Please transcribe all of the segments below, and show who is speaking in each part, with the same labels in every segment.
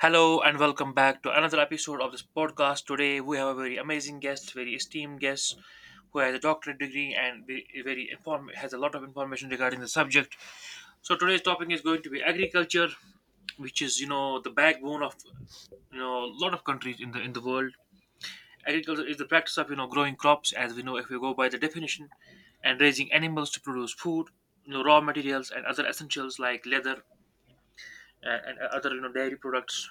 Speaker 1: Hello and welcome back to another episode of this podcast. Today we have a very amazing guest, very esteemed guest who has a doctorate degree and has a lot of information regarding the subject. So today's topic is going to be agriculture, which is the backbone of a lot of countries in the world. Agriculture is the practice of growing crops, as we know if we go by the definition, and raising animals to produce food, raw materials and other essentials like leather and other dairy products,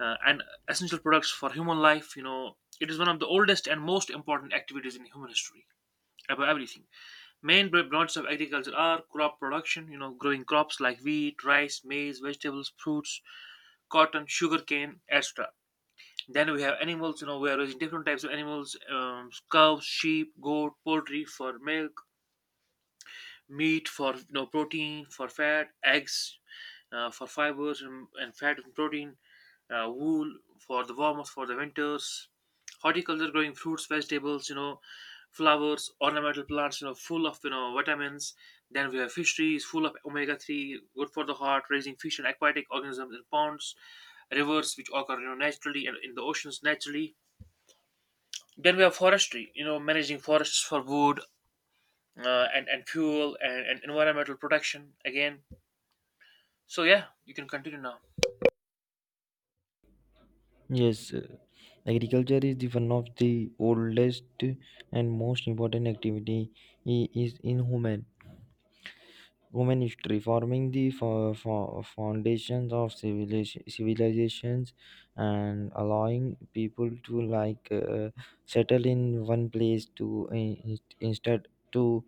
Speaker 1: and essential products for human life. It is one of the oldest and most important activities in human history. About everything, main branches of agriculture are crop production. Growing crops like wheat, rice, maize, vegetables, fruits, cotton, sugarcane, etc. Then we have animals. We are raising different types of animals: cows, sheep, goat, poultry for milk, meat for protein, for fat, eggs, for fibers and fat and protein, wool for the warmth, for the winters. Horticulture, growing fruits, vegetables, flowers, ornamental plants, full of vitamins. Then we have fisheries, full of omega-3, good for the heart, raising fish and aquatic organisms in ponds, rivers which occur naturally and in the oceans naturally. Then we have forestry, managing forests for wood, and fuel and environmental protection again. So yeah, you can continue now.
Speaker 2: Yes, agriculture is the one of the oldest and most important activity is in human history, forming the foundations of civilizations and allowing people to settle in one place to in- instead to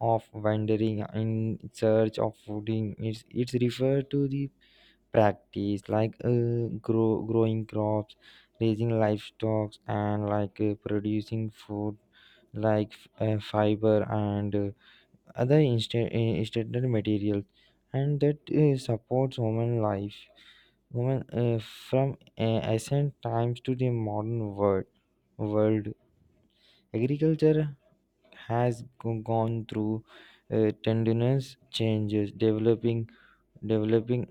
Speaker 2: of wandering in search of food. It's referred to the practice growing crops, raising livestock, and producing food like fiber and other instant standard materials, and that supports women life women from ancient times to the modern world. Agriculture has gone through tenderness changes, developing developing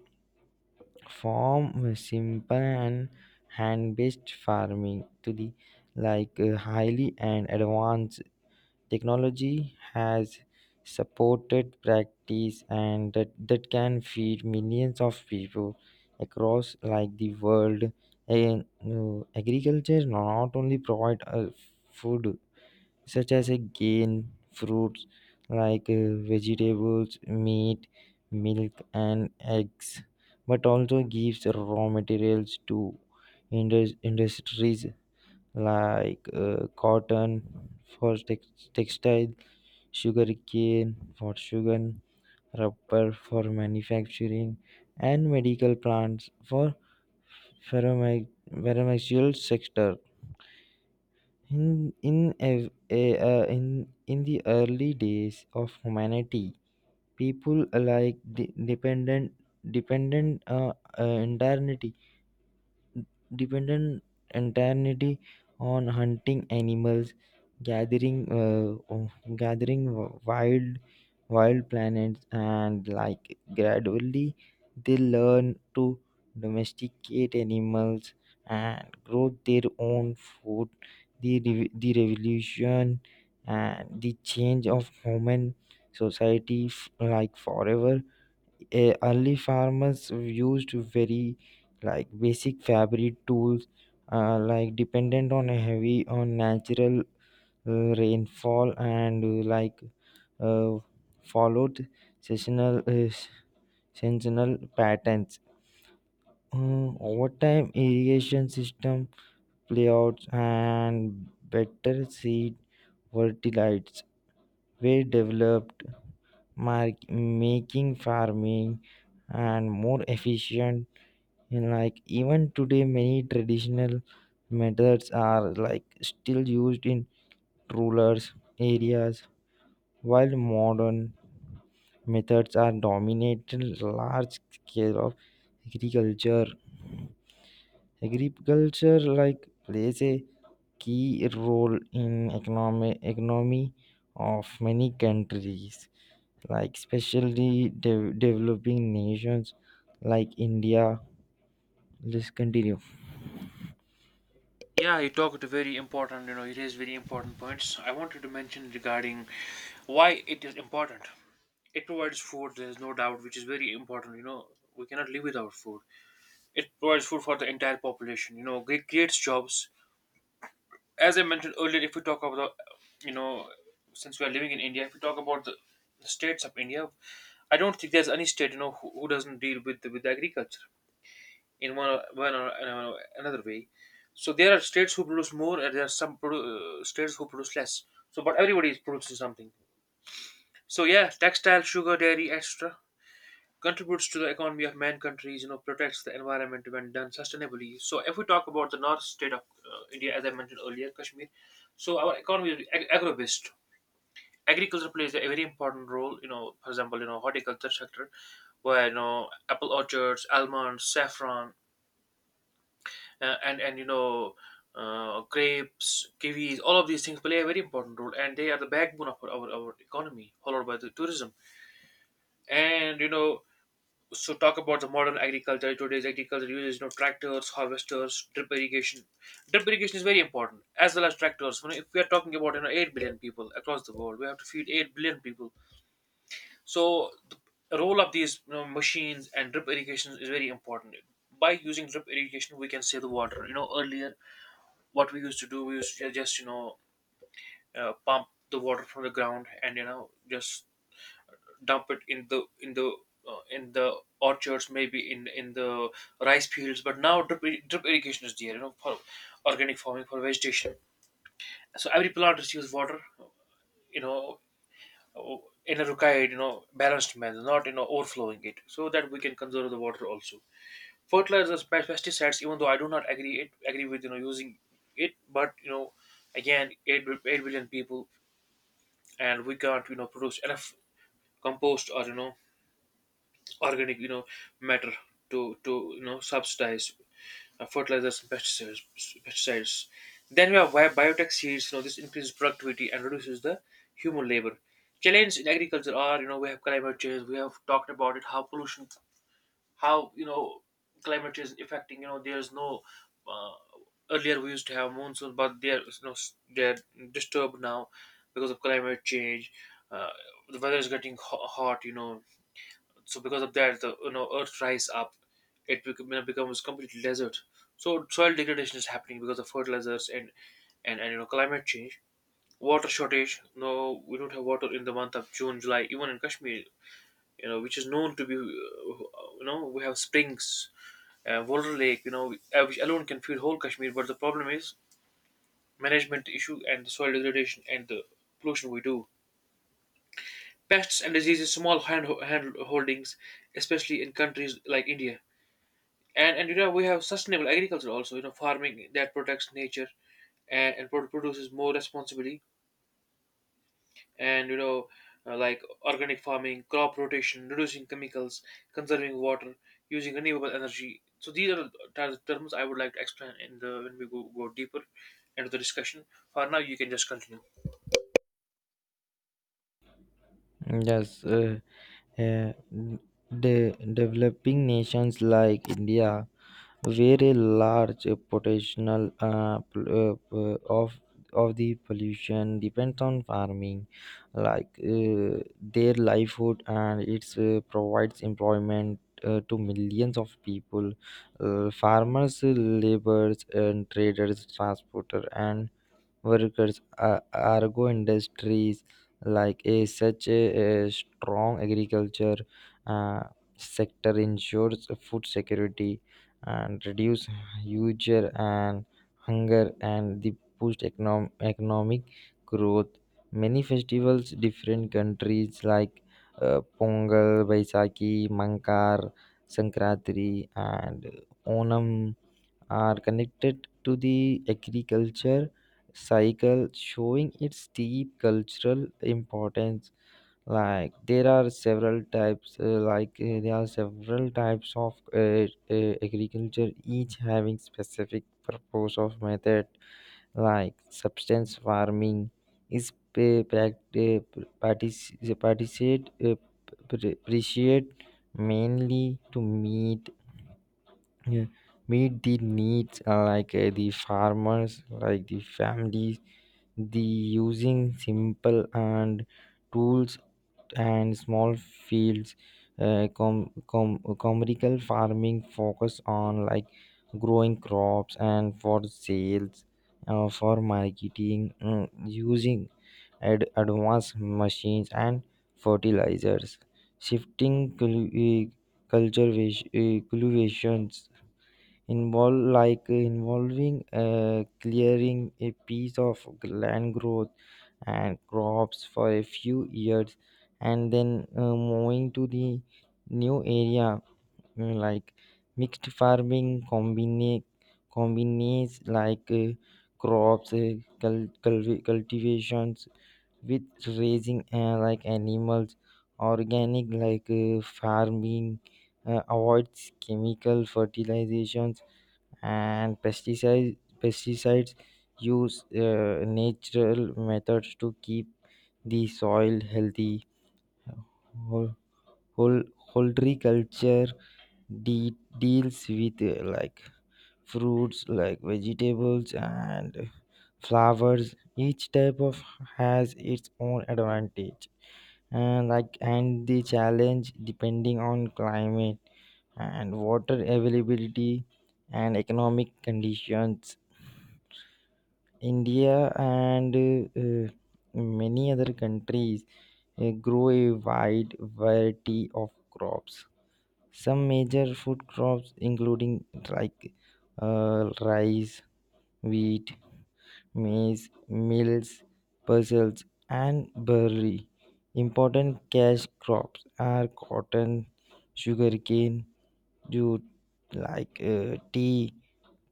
Speaker 2: form was simple and hand-based farming to the highly and advanced technology has supported practice, and that can feed millions of people across like the world. And agriculture not only provide food such as again fruits like vegetables, meat, milk, and eggs, but also gives raw materials to industries like cotton for textile, sugarcane for sugar, rubber for manufacturing, and medical plants for pharma- pharmaceutical sector. In ev- a- in the early days of humanity, people like dependent uh, uh, entirely dependent entirely on hunting animals, gathering, uh, oh, gathering wild, wild planets, and like gradually they learn to domesticate animals and grow their own food. The revolution and the change of human society, like forever. Early farmers used very like basic fabric tools, like dependent on a heavy on natural rainfall and uh, followed seasonal uh, seasonal patterns. Over time irrigation system playouts and better seed fertilities were developed, making farming and more efficient. And like even today, many traditional methods are like still used in rural areas, while modern methods are dominating large scale of agriculture. Agriculture like plays a key role in economic economy of many countries, like especially developing nations like India. Let's continue.
Speaker 1: Yeah, you talked a very important, it is very important points. I wanted to mention regarding why it is important. It provides food, there is no doubt, which is very important. We cannot live without food. It provides food for the entire population. It creates jobs. As I mentioned earlier, if we talk about, you know, since we are living in India, if we talk about the states of India, I don't think there's any state, who doesn't deal with agriculture in another way. So there are states who produce more, and there are some states who produce less. So, but everybody is producing something. So yeah, textile, sugar, dairy, etc. contributes to the economy of man countries. Protects the environment when done sustainably. So if we talk about the north state of India, as I mentioned earlier, Kashmir. So our economy is agro-based. Agriculture plays a very important role. For example, horticulture sector, where apple orchards, almonds, saffron, and grapes, kiwis, all of these things play a very important role, and they are the backbone of our economy, followed by the tourism. And you know, so talk about the modern agriculture. Today's agriculture uses tractors, harvesters, drip irrigation. Drip irrigation is very important, as well as tractors. If we are talking about 8 billion people across the world, we have to feed 8 billion people. So the role of these, machines and drip irrigation is very important. By using drip irrigation we can save the water. Earlier what we used to do, we used to just pump the water from the ground, and just dump it in the orchards, maybe in the rice fields. But now drip irrigation is there, for organic farming, for vegetation. So every plant receives water, you know, uh, in a required, balanced manner, not overflowing it, so that we can conserve the water also. Fertilizers, pesticides, even though I do not agree with using it, but again 8 billion people, and we can't produce enough compost or organic, matter to subsidize fertilizers and pesticides. Then we have biotech seeds. This increases productivity and reduces the human labor. Challenges in agriculture are, we have climate change, we have talked about it, how pollution, how climate change affecting, there's no, uh, earlier we used to have monsoon, but they're you know s- they're disturbed now because of climate change. Uh, the weather is getting hot, so because of that, the earth rise up, it becomes completely desert. So soil degradation is happening because of fertilizers and climate change. Water shortage: no, we don't have water in the month of June, July, even in Kashmir, which is known to be, we have springs, Walder Lake, which alone can feed whole Kashmir. But the problem is management issue and the soil degradation and the pollution we do. Pests and diseases, small hand holdings, especially in countries like India. And we have sustainable agriculture also, farming that protects nature and produces more responsibly, and like organic farming, crop rotation, reducing chemicals, conserving water, using renewable energy. So these are the terms I would like to explain, in the when we go deeper into the discussion. For now you can just continue.
Speaker 2: Yes. Uh, Developing nations like India, where a large potential of the pollution depends on farming, like their livelihood, and it provides employment to millions of people, farmers, laborers, and traders, transporter, and workers. Argo industries like a such a strong agriculture uh, sector ensures food security and reduce huge and hunger and the boost economic growth. Many festivals, different countries like Pongal, Baisakhi, Mankar, Sankranti, and Onam are connected to the agriculture cycle, showing its deep cultural importance. There are several types of agriculture, each having specific purpose of method like substance farming is appreciate mainly to yeah, meet the needs like the farmers, like the families, the using simple and tools and small fields. Commercial farming focus on like growing crops and for sales, for marketing, using advanced machines and fertilizers. Shifting cul- culture cultivations involve like involving clearing a piece of land, growth and crops for a few years, and then moving to the new area. Like mixed farming combines like crops cultivations with raising like animals. Organic like farming avoids chemical fertilizations and pesticides, use natural methods to keep the soil healthy. Hol- horticulture deals with like fruits like vegetables and flowers. Each type of has its own advantage and like and the challenge depending on climate and water availability and economic conditions. India and many other countries grow a wide variety of crops. Some major food crops, including like rice, wheat, maize, mills, pulses, and barley. Important cash crops are cotton, sugarcane, jute, like tea,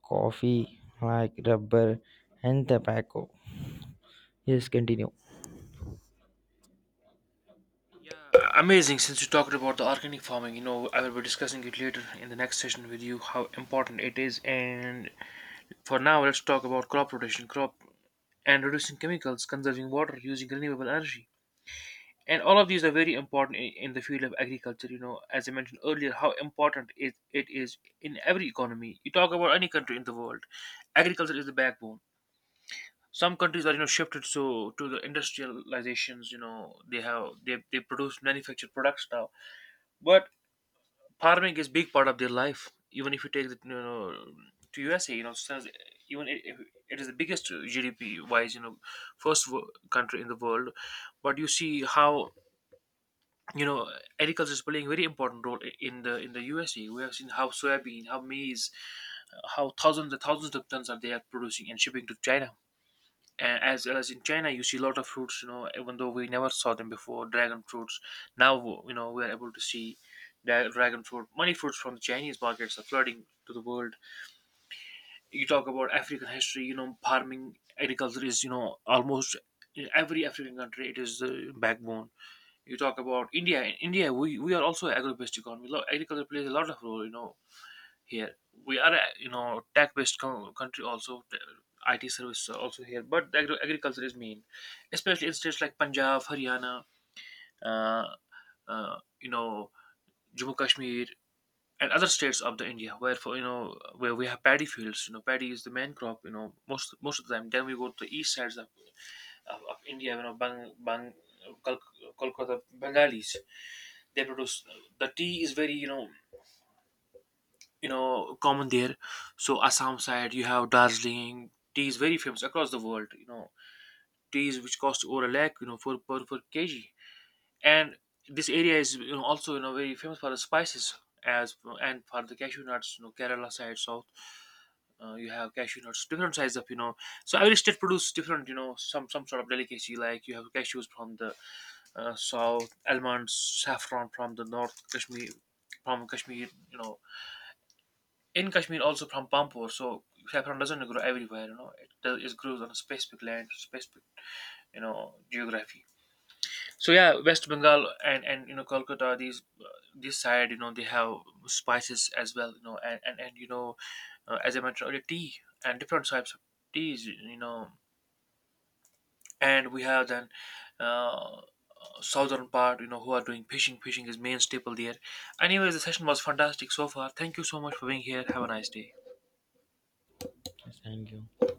Speaker 2: coffee, like rubber, and tobacco. Yes, continue.
Speaker 1: Yeah, amazing. Since you talked about the organic farming, I will be discussing it later in the next session with you, how important it is. And for now let's talk about crop rotation, crop and reducing chemicals, conserving water, using renewable energy. And all of these are very important in the field of agriculture. As I mentioned earlier, how important it is in every economy. You talk about any country in the world, agriculture is the backbone. Some countries are, shifted so to the industrializations. You know, they have they produce manufactured products now, but farming is big part of their life. Even if you take the, to USA, even if it is the biggest GDP wise, first country in the world. But you see how you know agriculture is playing a very important role, in the USA. We have seen how soybean, how maize, how thousands and thousands of tons are they are producing and shipping to China. And as well as in China, you see a lot of fruits. Even though we never saw them before, dragon fruits. Now we are able to see dragon fruit. Many fruits from the Chinese markets are flooding to the world. You talk about African history. Farming agriculture is almost in every African country, it is the backbone. You talk about India. In India, we are also agro-based economy. Agriculture plays a lot of role, here. We are, a, tech-based country also, IT service also here. But the agriculture is main, especially in states like Punjab, Haryana, uh, uh, you know, Jammu Kashmir, and other states of the India, where for, where we have paddy fields. Paddy is the main crop. Most of the time. Then we go to the east sides of of India. Kol- Kolkata Bengalis, they produce. The tea is very, common there. So Assam side, you have Darjeeling tea is very famous across the world. Teas which cost over a lakh, for per kg. And this area is also very famous for the spices, as, and for the cashew nuts. Kerala side, south, you have cashew nuts, different size of, so every state produce different, some sort of delicacy. Like you have cashews from the, south, almonds, saffron from the north, Kashmir. From Kashmir, you know in Kashmir also from Pampore, so saffron doesn't grow everywhere. It does, it grows on a specific land, specific, geography. So yeah, West Bengal and Kolkata, these, this side, they have spices as well. And as I mentioned earlier, tea and different types of teas. And we have then, uh, southern part, who are doing fishing. Fishing is main staple there. Anyways, the session was fantastic so far. Thank you so much for being here. Have a nice day.
Speaker 2: Yes, thank you.